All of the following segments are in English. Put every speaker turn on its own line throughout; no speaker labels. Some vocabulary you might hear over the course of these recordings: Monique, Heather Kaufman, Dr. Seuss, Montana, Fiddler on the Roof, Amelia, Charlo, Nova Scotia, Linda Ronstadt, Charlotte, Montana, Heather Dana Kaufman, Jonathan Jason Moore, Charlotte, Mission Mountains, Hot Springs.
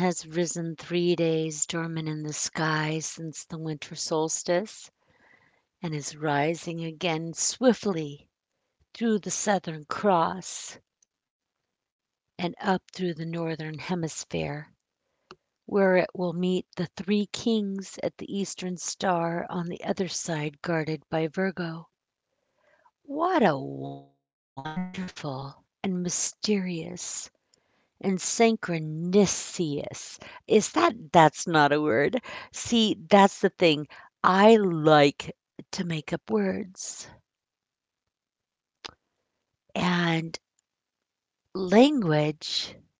The sun has risen three days dormant in the sky since the winter solstice, and is rising again swiftly through the Southern Cross and up through the Northern Hemisphere, where it will meet the Three Kings at the Eastern Star on the other side guarded by Virgo. What a wonderful and mysterious and synchronicious. Is that that's not a word? See, that's the thing. I like to make up words and language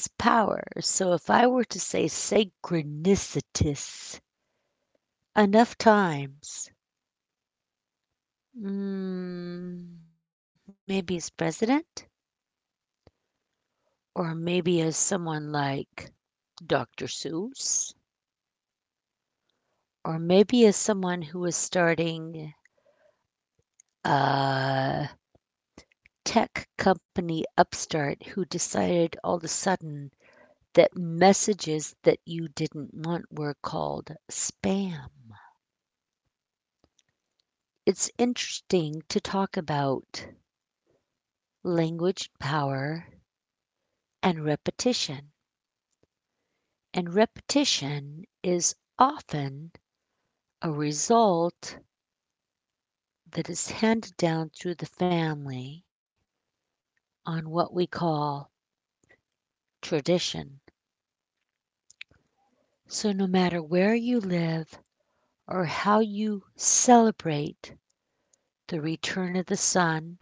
has power. So if I were to say synchronicitous enough times, mm, maybe as president, or maybe as someone like Dr. Seuss, or maybe as someone who is starting uh, tech company upstart who decided all of a sudden that messages that you didn't want were called spam. It's interesting to talk about language power and repetition. And repetition is often a result that is handed down through the family on what we call tradition. So, no matter where you live or how you celebrate the return of the sun,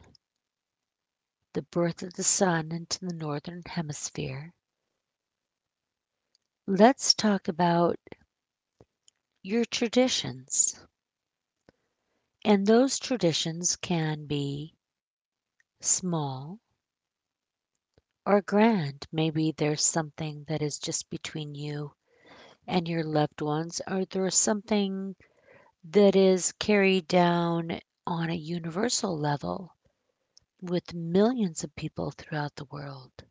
the birth of the sun into the northern hemisphere. Let's talk about your traditions. And those traditions can be small or grand. Maybe there's something that is just between you and your loved ones, or there's something that is carried down on a universal level with millions of people throughout the world.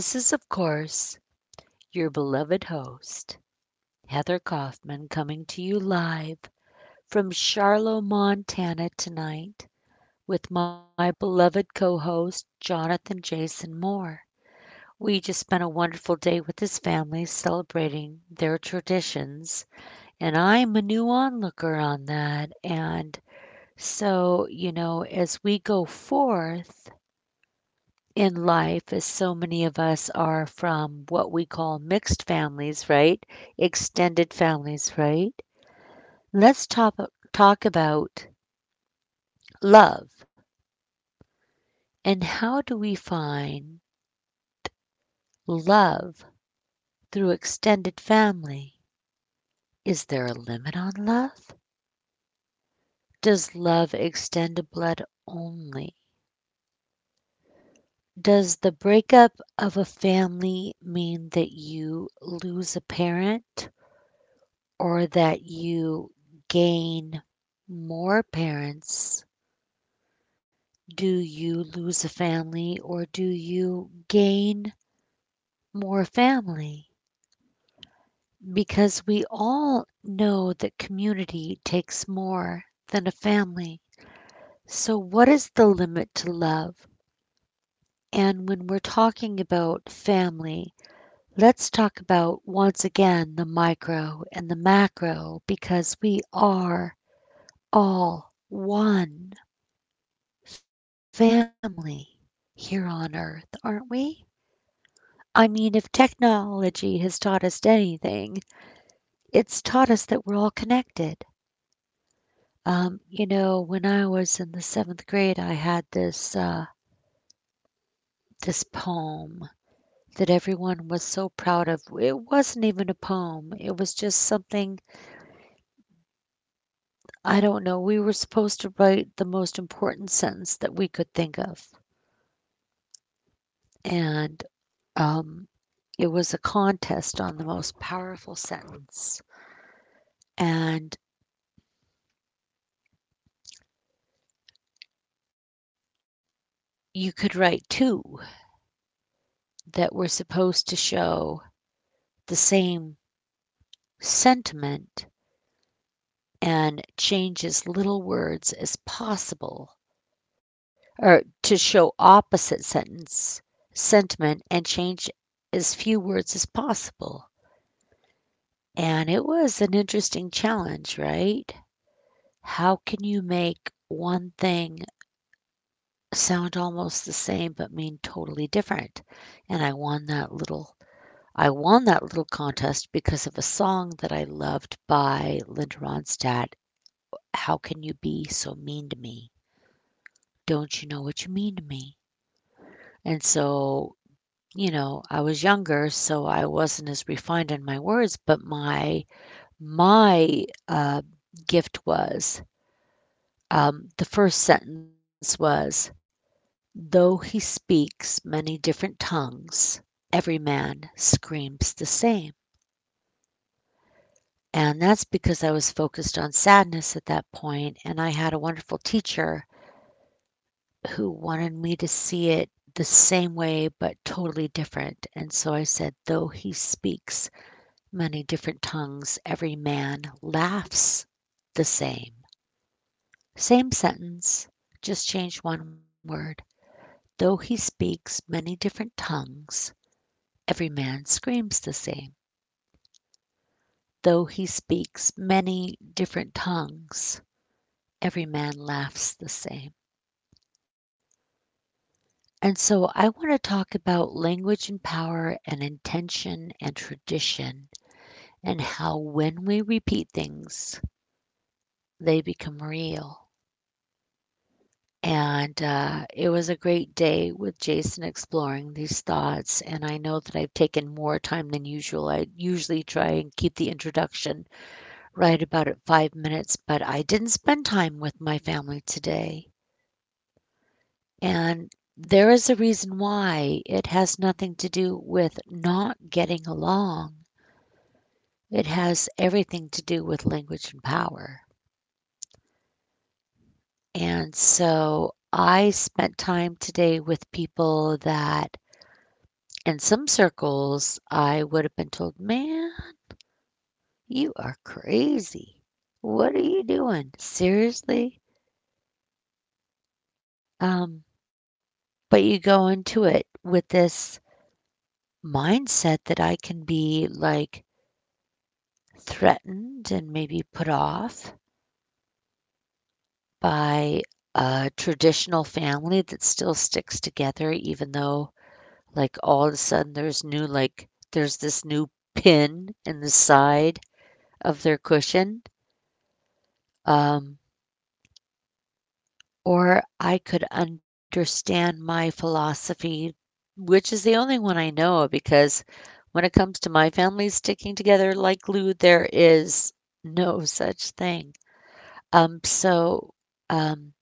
This is, of course, your beloved host, Heather Kaufman coming to you live from Charlo, Montana, tonight with my beloved co host, Jonathan Jason Moore. We just spent a wonderful day with his family celebrating their traditions, and I'm a new onlooker on that. And so, you know, as we go forth, in life, as so many of us are from what we call mixed families, right? Extended families, right? Let's talk about love and how do we find love through extended family? Is there a limit on love? Does love extend to blood only? Does the breakup of a family mean that you lose a parent or that you gain more parents? Do you lose a family or do you gain more family? Because we all know that community takes more than a family. So, what is the limit to love? And when we're talking about family, let's talk about once again the micro and the macro because we are all one family here on earth, aren't we? I mean, if technology has taught us anything, it's taught us that we're all connected. You know, when I was in the seventh grade, I had this this poem that everyone was so proud of. It wasn't even a poem. It was just something, I don't know. We were supposed to write the most important sentence that we could think of. And um, it was a contest on the most powerful sentence. And you could write two that were supposed to show the same sentiment and change as little words as possible or to show opposite sentence sentiment and change as few words as possible. And it was an interesting challenge, right? How can you make one thing sound almost the same but mean totally different? And I won that little contest because of a song that I loved by Linda Ronstadt, "How Can You Be So Mean to Me? Don't you know what you mean to me?" And so, you know, I was younger, so I wasn't as refined in my words, but my gift was, the first sentence was, "Though he speaks many different tongues, every man screams the same." And that's because I was focused on sadness at that point, and I had a wonderful teacher who wanted me to see it the same way but totally different. And so I said, "Though he speaks many different tongues, every man laughs the same." Same sentence, just change one word. Though he speaks many different tongues, every man screams the same. Though he speaks many different tongues, every man laughs the same. And so I want to talk about language and power and intention and tradition and how when we repeat things, they become real. And it was a great day with Jason exploring these thoughts. And I know that I've taken more time than usual. I usually try and keep the introduction right about at five minutes, but I didn't spend time with my family today. And there is a reason why it has nothing to do with not getting along. It has everything to do with language and power. And so I spent time today with people that, in some circles, I would have been told, man, you are crazy. What are you doing? Seriously? Um, but you go into it with this mindset that I can be like threatened and maybe put off by a traditional family that still sticks together even though like all of a sudden there's new like there's this new pin in the side of their cushion, um, or I could understand my philosophy which is the only one I know because when it comes to my family sticking together like glue there is no such thing. Um, so um,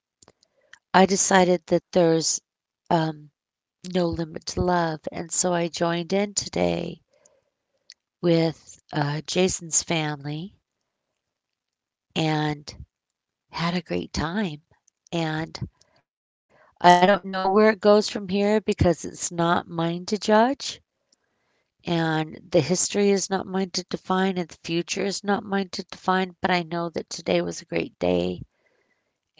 I decided that there's, um, no limit to love. And so I joined in today with Jason's family and had a great time. And I don't know where it goes from here because it's not mine to judge. And the history is not mine to define, and the future is not mine to define. But I know that today was a great day,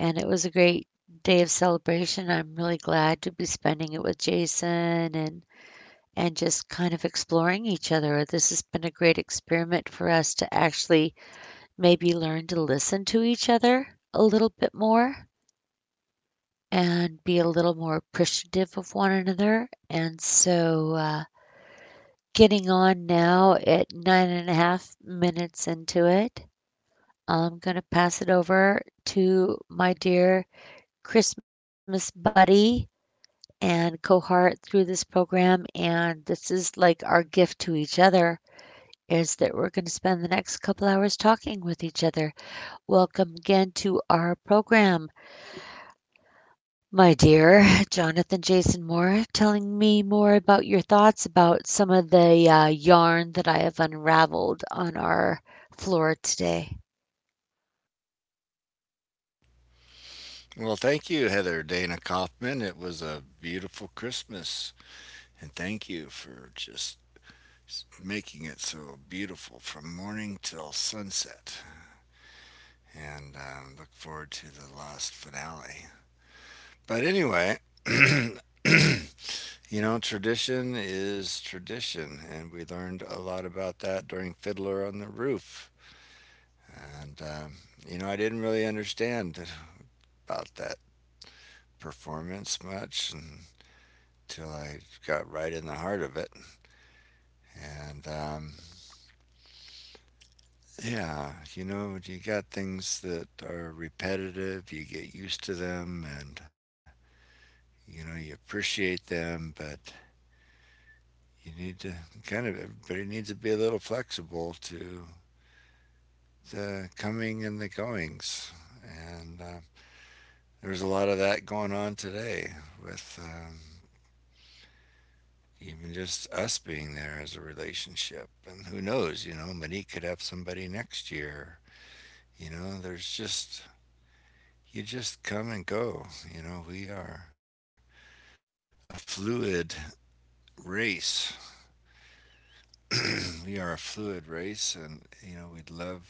and it was a great day of celebration. I'm really glad to be spending it with Jason, and just kind of exploring each other. This has been a great experiment for us to actually maybe learn to listen to each other a little bit more and be a little more appreciative of one another. And so, getting on now at nine and a half minutes into it, I'm going to pass it over to my dear Christmas buddy and cohort through this program. And this is like our gift to each other is that we're going to spend the next couple hours talking with each other. Welcome again to our program, my dear Jonathan Jason Moore, telling me more about your thoughts about some of the yarn that I have unraveled on our floor today.
Well, thank you, Heather Dana Kaufman. It was a beautiful Christmas, and thank you for just making it so beautiful from morning till sunset. And Look forward to the last finale. But anyway, you know, tradition is tradition, and we learned a lot about that during Fiddler on the Roof. And You know, I didn't really understand about that performance much, and till I got right in the heart of it. And Yeah, you know, you got things that are repetitive, you get used to them, and you know, you appreciate them, but you need to kind of everybody needs to be a little flexible to the coming and the goings. And There's a lot of that going on today with even just us being there as a relationship. And who knows, you know, Monique could have somebody next year. You know, you just come and go. You know, we are a fluid race. We are a fluid race, and, you know, we love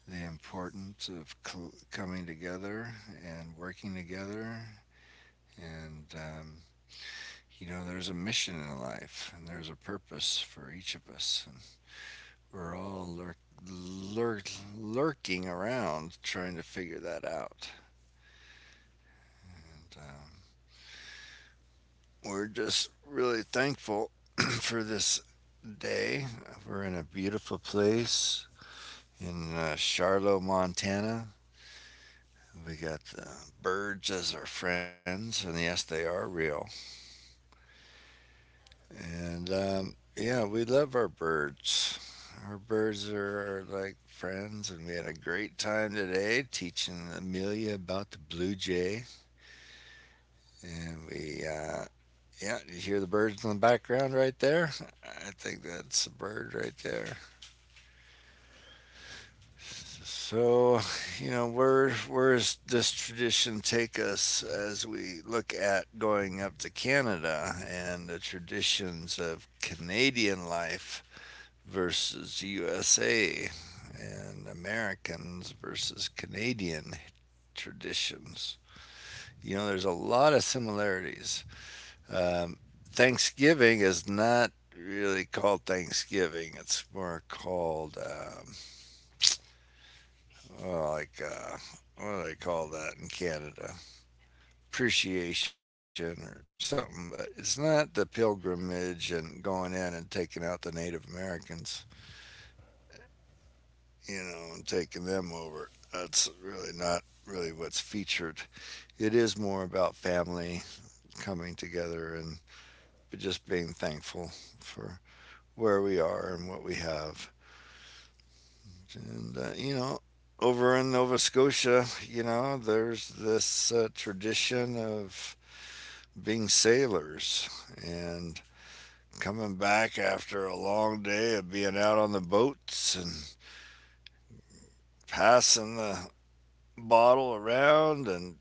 the importance of coming together and working together. And, um, you know, there's a mission in life, and there's a purpose for each of us. And we're all lurk- lurk- lurking around trying to figure that out. And, um, We're just really thankful for this day. We're in a beautiful place in Charlotte, Montana. We got the birds as our friends, and yes, they are real. And Yeah, we love our birds. Our birds are like friends, and we had a great time today teaching Amelia about the blue jay. And yeah, you hear the birds in the background right there? I think that's a bird right there. So, you know, where does this tradition take us as we look at going up to Canada and the traditions of Canadian life versus USA and Americans versus Canadian traditions? You know, there's a lot of similarities. Um, Thanksgiving is not really called Thanksgiving; it's more called uh, like uh, what do they call that in Canada? Appreciation or something, but it's not the pilgrimage and going in and taking out the Native Americans, you know, and taking them over. That's really not really what's featured. It is more about family coming together and just being thankful for where we are and what we have. And, you know, over in Nova Scotia, you know, there's this tradition of being sailors and coming back after a long day of being out on the boats and passing the bottle around and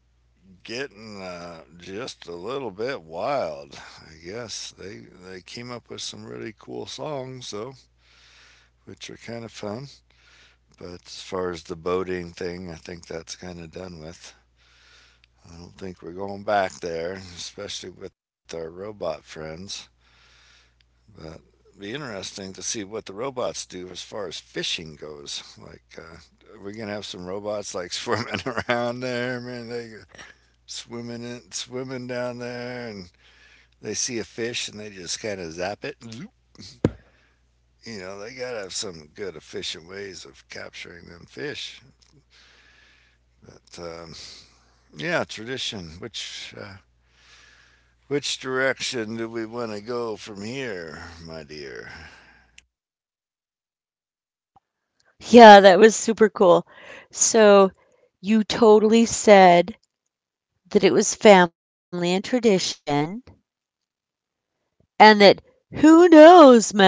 getting just a little bit wild. I guess they came up with some really cool songs though, which are kind of fun. But as far as the boating thing, I think that's kind of done with. I don't think we're going back there, especially with our robot friends. But it'd be interesting to see what the robots do as far as fishing goes. Like, are we gonna have some robots like swimming around there? Man, they swimming in, swimming down there, and they see a fish and they just kind of zap it. Zoop. You know, they gotta have some good efficient ways of capturing them fish. But Yeah, tradition. Which direction do we want to go from here, my dear?
Yeah, that was super cool. So, you totally said that it was family and tradition, and that who knows, man?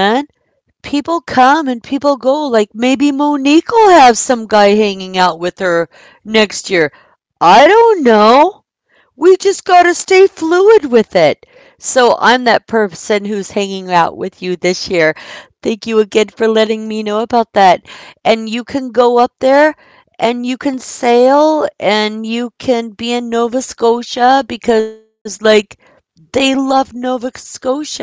People come and people go. Like maybe Monique will have some guy hanging out with her next year. I don't know. We just got to stay fluid with it. So I'm that person who's hanging out with you this year. Thank you again for letting me know about that. And you can go up there and you can sail and you can be in Nova Scotia because, like, they love Nova Scotia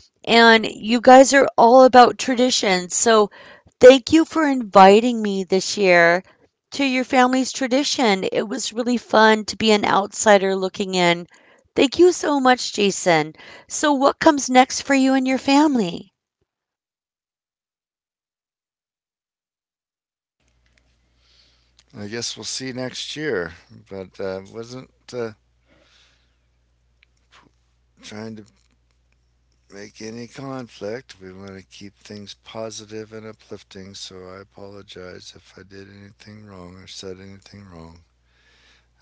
and you guys are all about tradition. So thank you for inviting me this year to your family's tradition. It was really fun to be an outsider looking in. Thank you so much, Jason. So, what comes next for you and your family?
I guess we'll see next year. But Wasn't trying to make any conflict. We want to keep things positive and uplifting, so I apologize if I did anything wrong or said anything wrong.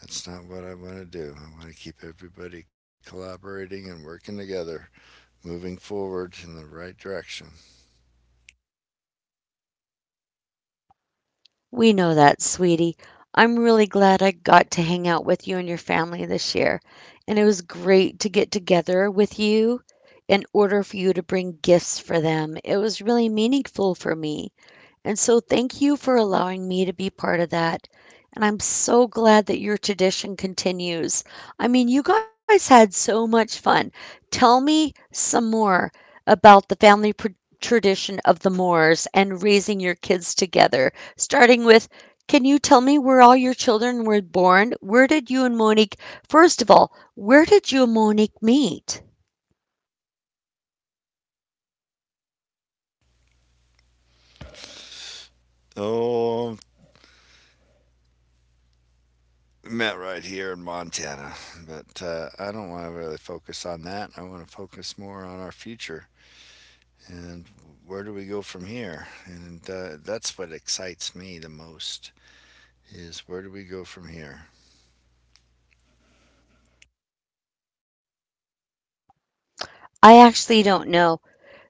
That's not what I want to do. I want to keep everybody collaborating and working together, moving forward in the right direction.
We know that, sweetie. I'm really glad I got to hang out with you and your family this year. And it was great to get together with you in order for you to bring gifts for them. It was really meaningful for me. And so thank you for allowing me to be part of that. And I'm so glad that your tradition continues. I mean, you guys had so much fun. Tell me some more about the tradition of the Moors and raising your kids together, starting with, can you tell me where all your children were born? Where did you and Monique, first of all, where did you and Monique meet?
Oh, met right here in Montana, but I don't want to really focus on that. I want to focus more on our future and where do we go from here? And That's what excites me the most is where do we go from here?
I actually don't know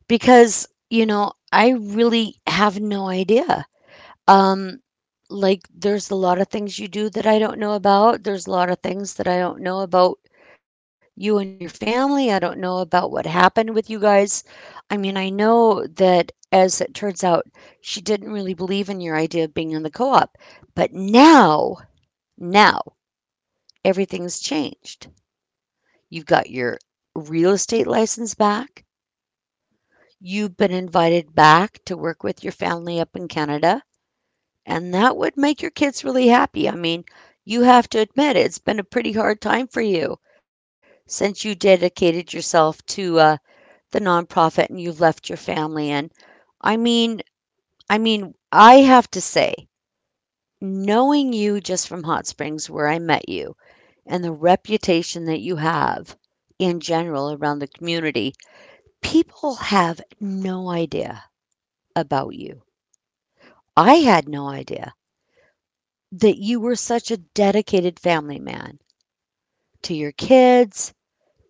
because, you know, I really have no idea. Um, like, there's a lot of things you do that I don't know about. There's a lot of things that I don't know about you and your family. I don't know about what happened with you guys. I mean, I know that as it turns out, she didn't really believe in your idea of being in the co op. But now, now, everything's changed. You've got your real estate license back. You've been invited back to work with your family up in Canada. And that would make your kids really happy. I mean, you have to admit it, it's been a pretty hard time for you since you dedicated yourself to the nonprofit and you've left your family. And I mean, I mean, I have to say, knowing you just from Hot Springs, where I met you, and the reputation that you have in general around the community, people have no idea about you. I had no idea that you were such a dedicated family man to your kids,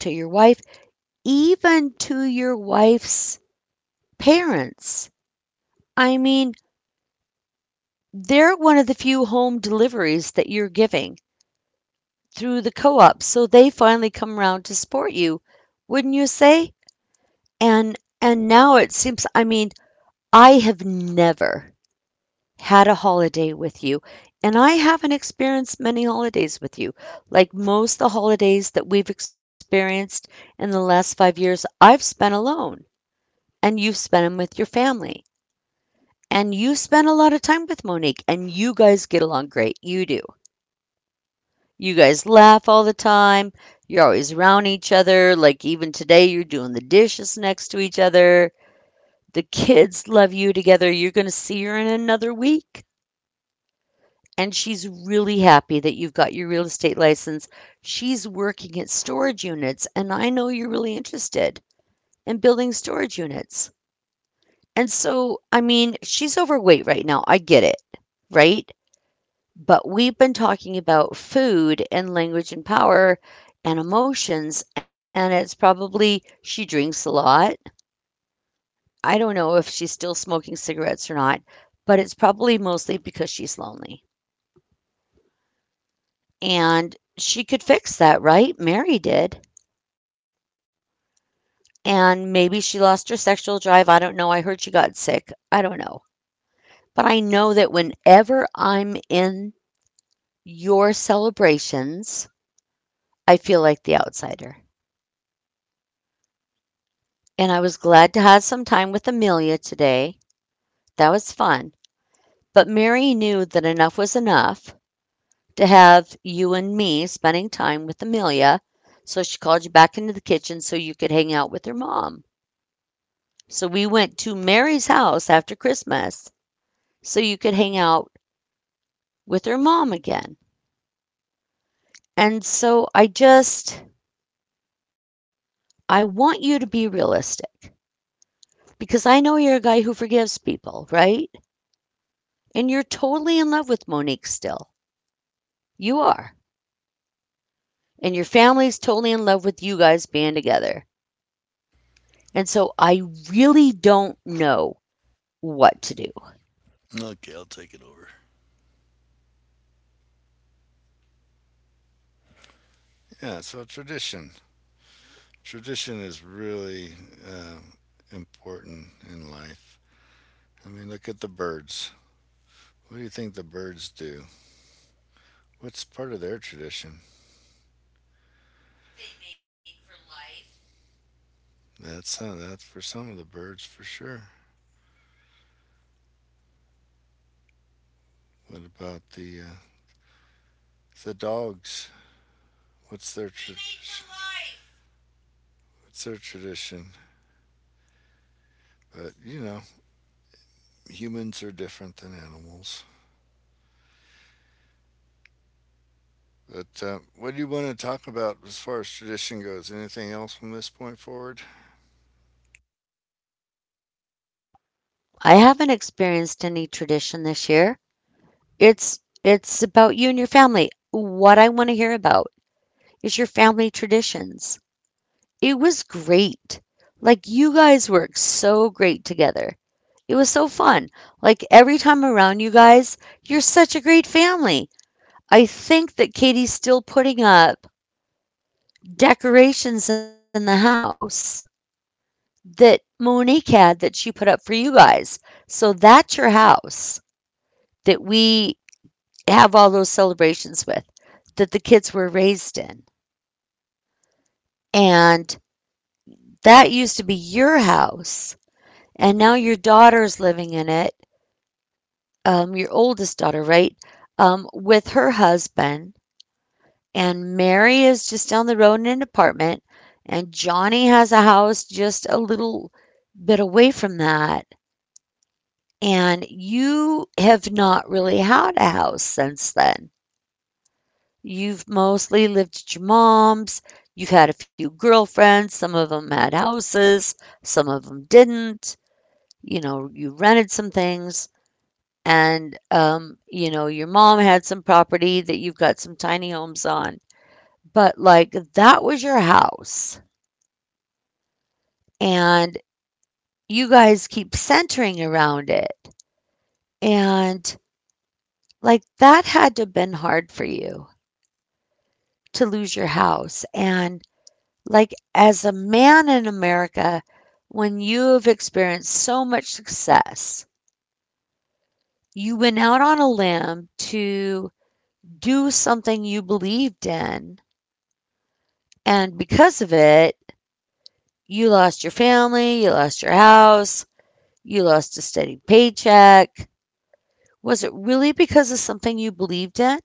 to your wife, even to your wife's parents. I mean, they're one of the few home deliveries that you're giving through the co-op, so they finally come around to support you, wouldn't you say? And now it seems, I mean, I have never had a holiday with you, and I haven't experienced many holidays with you. Like most of the holidays that we've experienced in the last 5 years, I've spent alone. And you've spent them with your family, and you spend a lot of time with Monique, and you guys get along great. You do. You guys laugh all the time. You're always around each other. Like even today, you're doing the dishes next to each other. The kids love you together. You're going to see her in another week. And she's really happy that you've got your real estate license. She's working at storage units, and I know you're really interested in building storage units. And so, I mean, she's overweight right now, I get it, right? But we've been talking about food and language and power and emotions, and it's probably, she drinks a lot. I don't know if she's still smoking cigarettes or not, but it's probably mostly because she's lonely. And she could fix that, right? Mary did. And maybe she lost her sexual drive. I don't know. I heard she got sick. I don't know. But I know that whenever I'm in your celebrations, I feel like the outsider. And I was glad to have some time with Amelia today. That was fun. But Mary knew that enough was enough, to have you and me spending time with Amelia. So she called you back into the kitchen so you could hang out with her mom. So we went to Mary's house after Christmas so you could hang out with her mom again. And so I just, I want you to be realistic, because I know you're a guy who forgives people, right? And you're totally in love with Monique still. You are. And your family's totally in love with you guys being together. And so I really don't know what to do.
Okay, I'll take it over. Yeah, so tradition. Tradition is really important in life. I mean, look at the birds. What do you think the birds do? What's part of their tradition? They mate for life. That's for some of the birds for sure. What about the dogs? What's their tradition? What's their tradition? But, you know, humans are different than animals. But what do you want to talk about as far as tradition goes? Anything else from this point forward?
I haven't experienced any tradition this year. It's about you and your family. What I want to hear about is your family traditions. It was great. Like you guys work so great together. It was so fun. Like every time around you guys, you're such a great family. I think that Katie's still putting up decorations in the house that Monique had, that she put up for you guys. So that's your house that we have all those celebrations with, that the kids were raised in. And that used to be your house. And now your daughter's living in it, your oldest daughter, right? With her husband, and Mary is just down the road in an apartment, and Johnny has a house just a little bit away from that. And you have not really had a house since then. You've mostly lived at your mom's. You've had a few girlfriends. Some of them had houses, some of them didn't. You know, you rented some things. And, you know, your mom had some property that you've got some tiny homes on. But, like, that was your house, and you guys keep centering around it. And like that had to have been hard for you, to lose your house. And like, as a man in America, when you have experienced so much success, you went out on a limb to do something you believed in. And because of it, you lost your family, you lost your house, you lost a steady paycheck. Was it really because of something you believed in?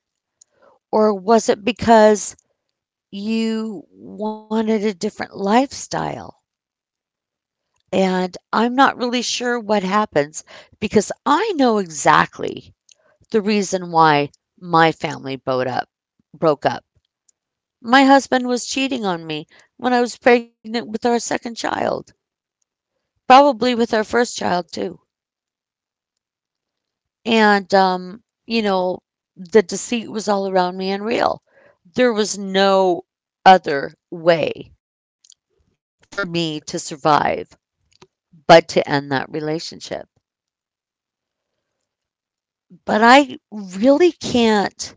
Or was it because you wanted a different lifestyle? And I'm not really sure what happens, because I know exactly the reason why my family bowed up broke up. My husband was cheating on me when I was pregnant with our second child, probably with our first child too. And you know, the deceit was all around me and real. There was no other way for me to survive but to end that relationship. But I really can't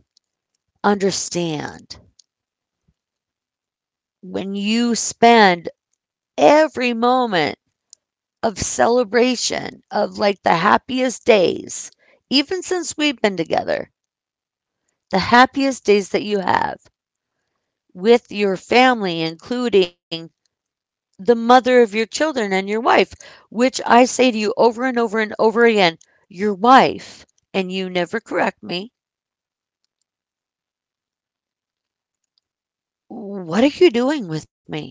understand, when you spend every moment of celebration of like the happiest days, even since we've been together, the happiest days that you have with your family, including the mother of your children and your wife, which I say to you over and over and over again, your wife, and you never correct me. What are you doing with me?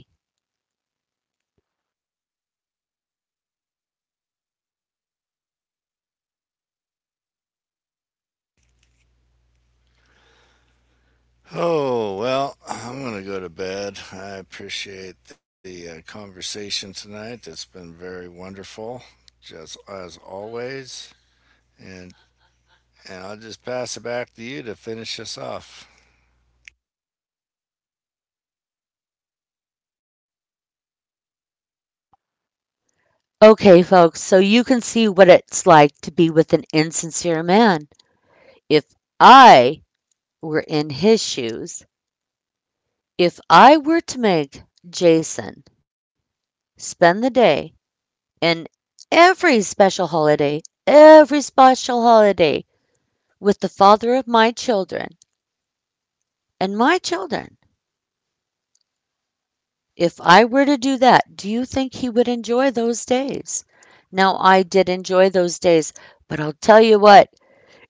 Oh, well, I'm going to go to bed. I appreciate the conversation tonight. It's been very wonderful, just as always. And, I'll just pass it back to you to finish us off.
Okay, folks, so you can see what it's like to be with an insincere man. If I were in his shoes, if I were to make Jason spend the day and every special holiday, every special holiday, with the father of my children and my children, if I were to do that, do you think he would enjoy those days? Now, I did enjoy those days, but I'll tell you what.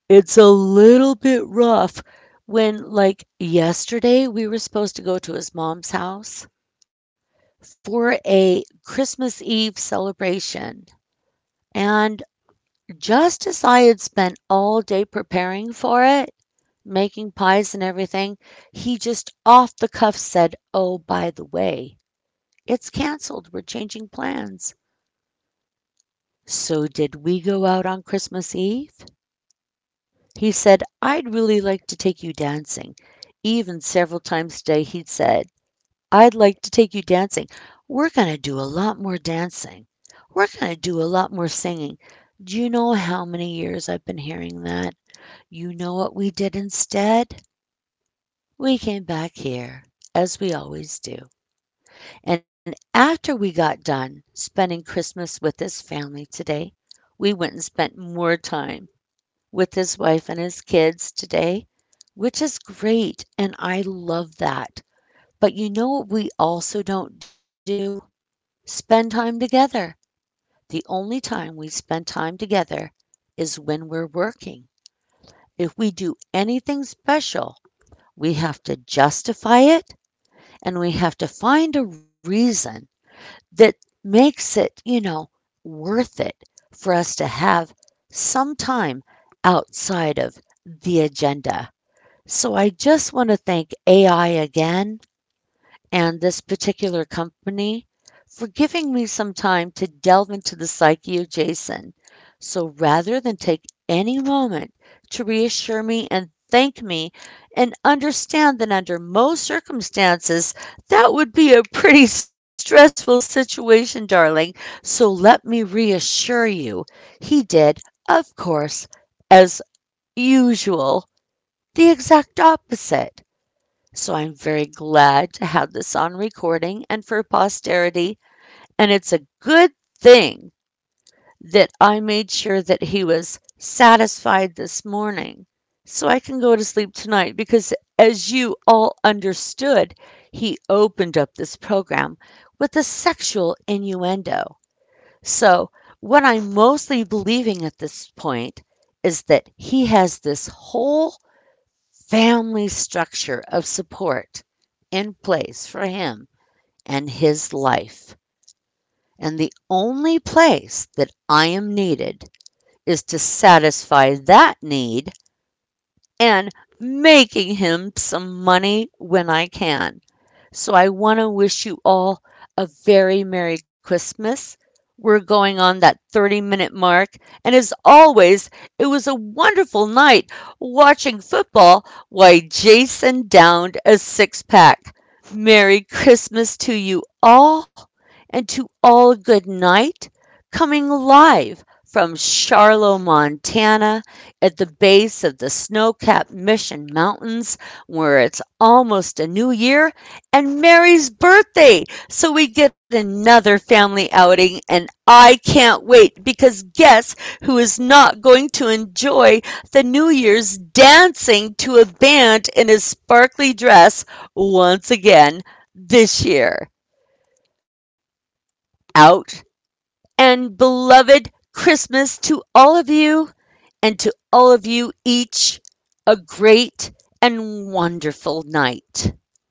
It's a little bit rough when, like, yesterday, we were supposed to go to his mom's house for a Christmas Eve celebration. And just as I had spent all day preparing for it, making pies and everything, he just off the cuff said, "Oh, by the way, it's canceled. We're changing plans." So did we go out on Christmas Eve? He said, "I'd really like to take you dancing." Even several times today, he'd said, "I'd like to take you dancing. We're going to do a lot more dancing. We're going to do a lot more singing." Do you know how many years I've been hearing that? You know what we did instead? We came back here, as we always do. And after we got done spending Christmas with his family today, we went and spent more time with his wife and his kids today, which is great. And I love that. But you know what we also don't do? Spend time together. The only time we spend time together is when we're working. If we do anything special, we have to justify it, and we have to find a reason that makes it, you know, worth it, for us to have some time outside of the agenda. So I just want to thank AI again, and this particular company, for giving me some time to delve into the psyche of Jason. So rather than take any moment to reassure me and thank me and understand that under most circumstances that would be a pretty stressful situation, darling. So let me reassure you. He did, of course, as usual, the exact opposite. So I'm very glad to have this on recording and for posterity. And it's a good thing that I made sure that he was satisfied this morning, so I can go to sleep tonight because, as you all understood, he opened up this program with a sexual innuendo. So, what I'm mostly believing at this point is that he has this whole family structure of support in place for him and his life. And the only place that I am needed is to satisfy that need and making him some money when I can. So I want to wish you all a very Merry Christmas. We're going on that 30-minute mark. And as always, it was a wonderful night watching football while Jason downed a six pack. Merry Christmas to you all, and to all a good night. Coming live from Charlotte, Montana, at the base of the snow capped Mission Mountains, where it's almost a new year and Mary's birthday. So we get another family outing, and I can't wait, because guess who is not going to enjoy the New Year's dancing to a band in a sparkly dress once again this year? Out and beloved Christmas to all of you, and to all of you each a great and wonderful night.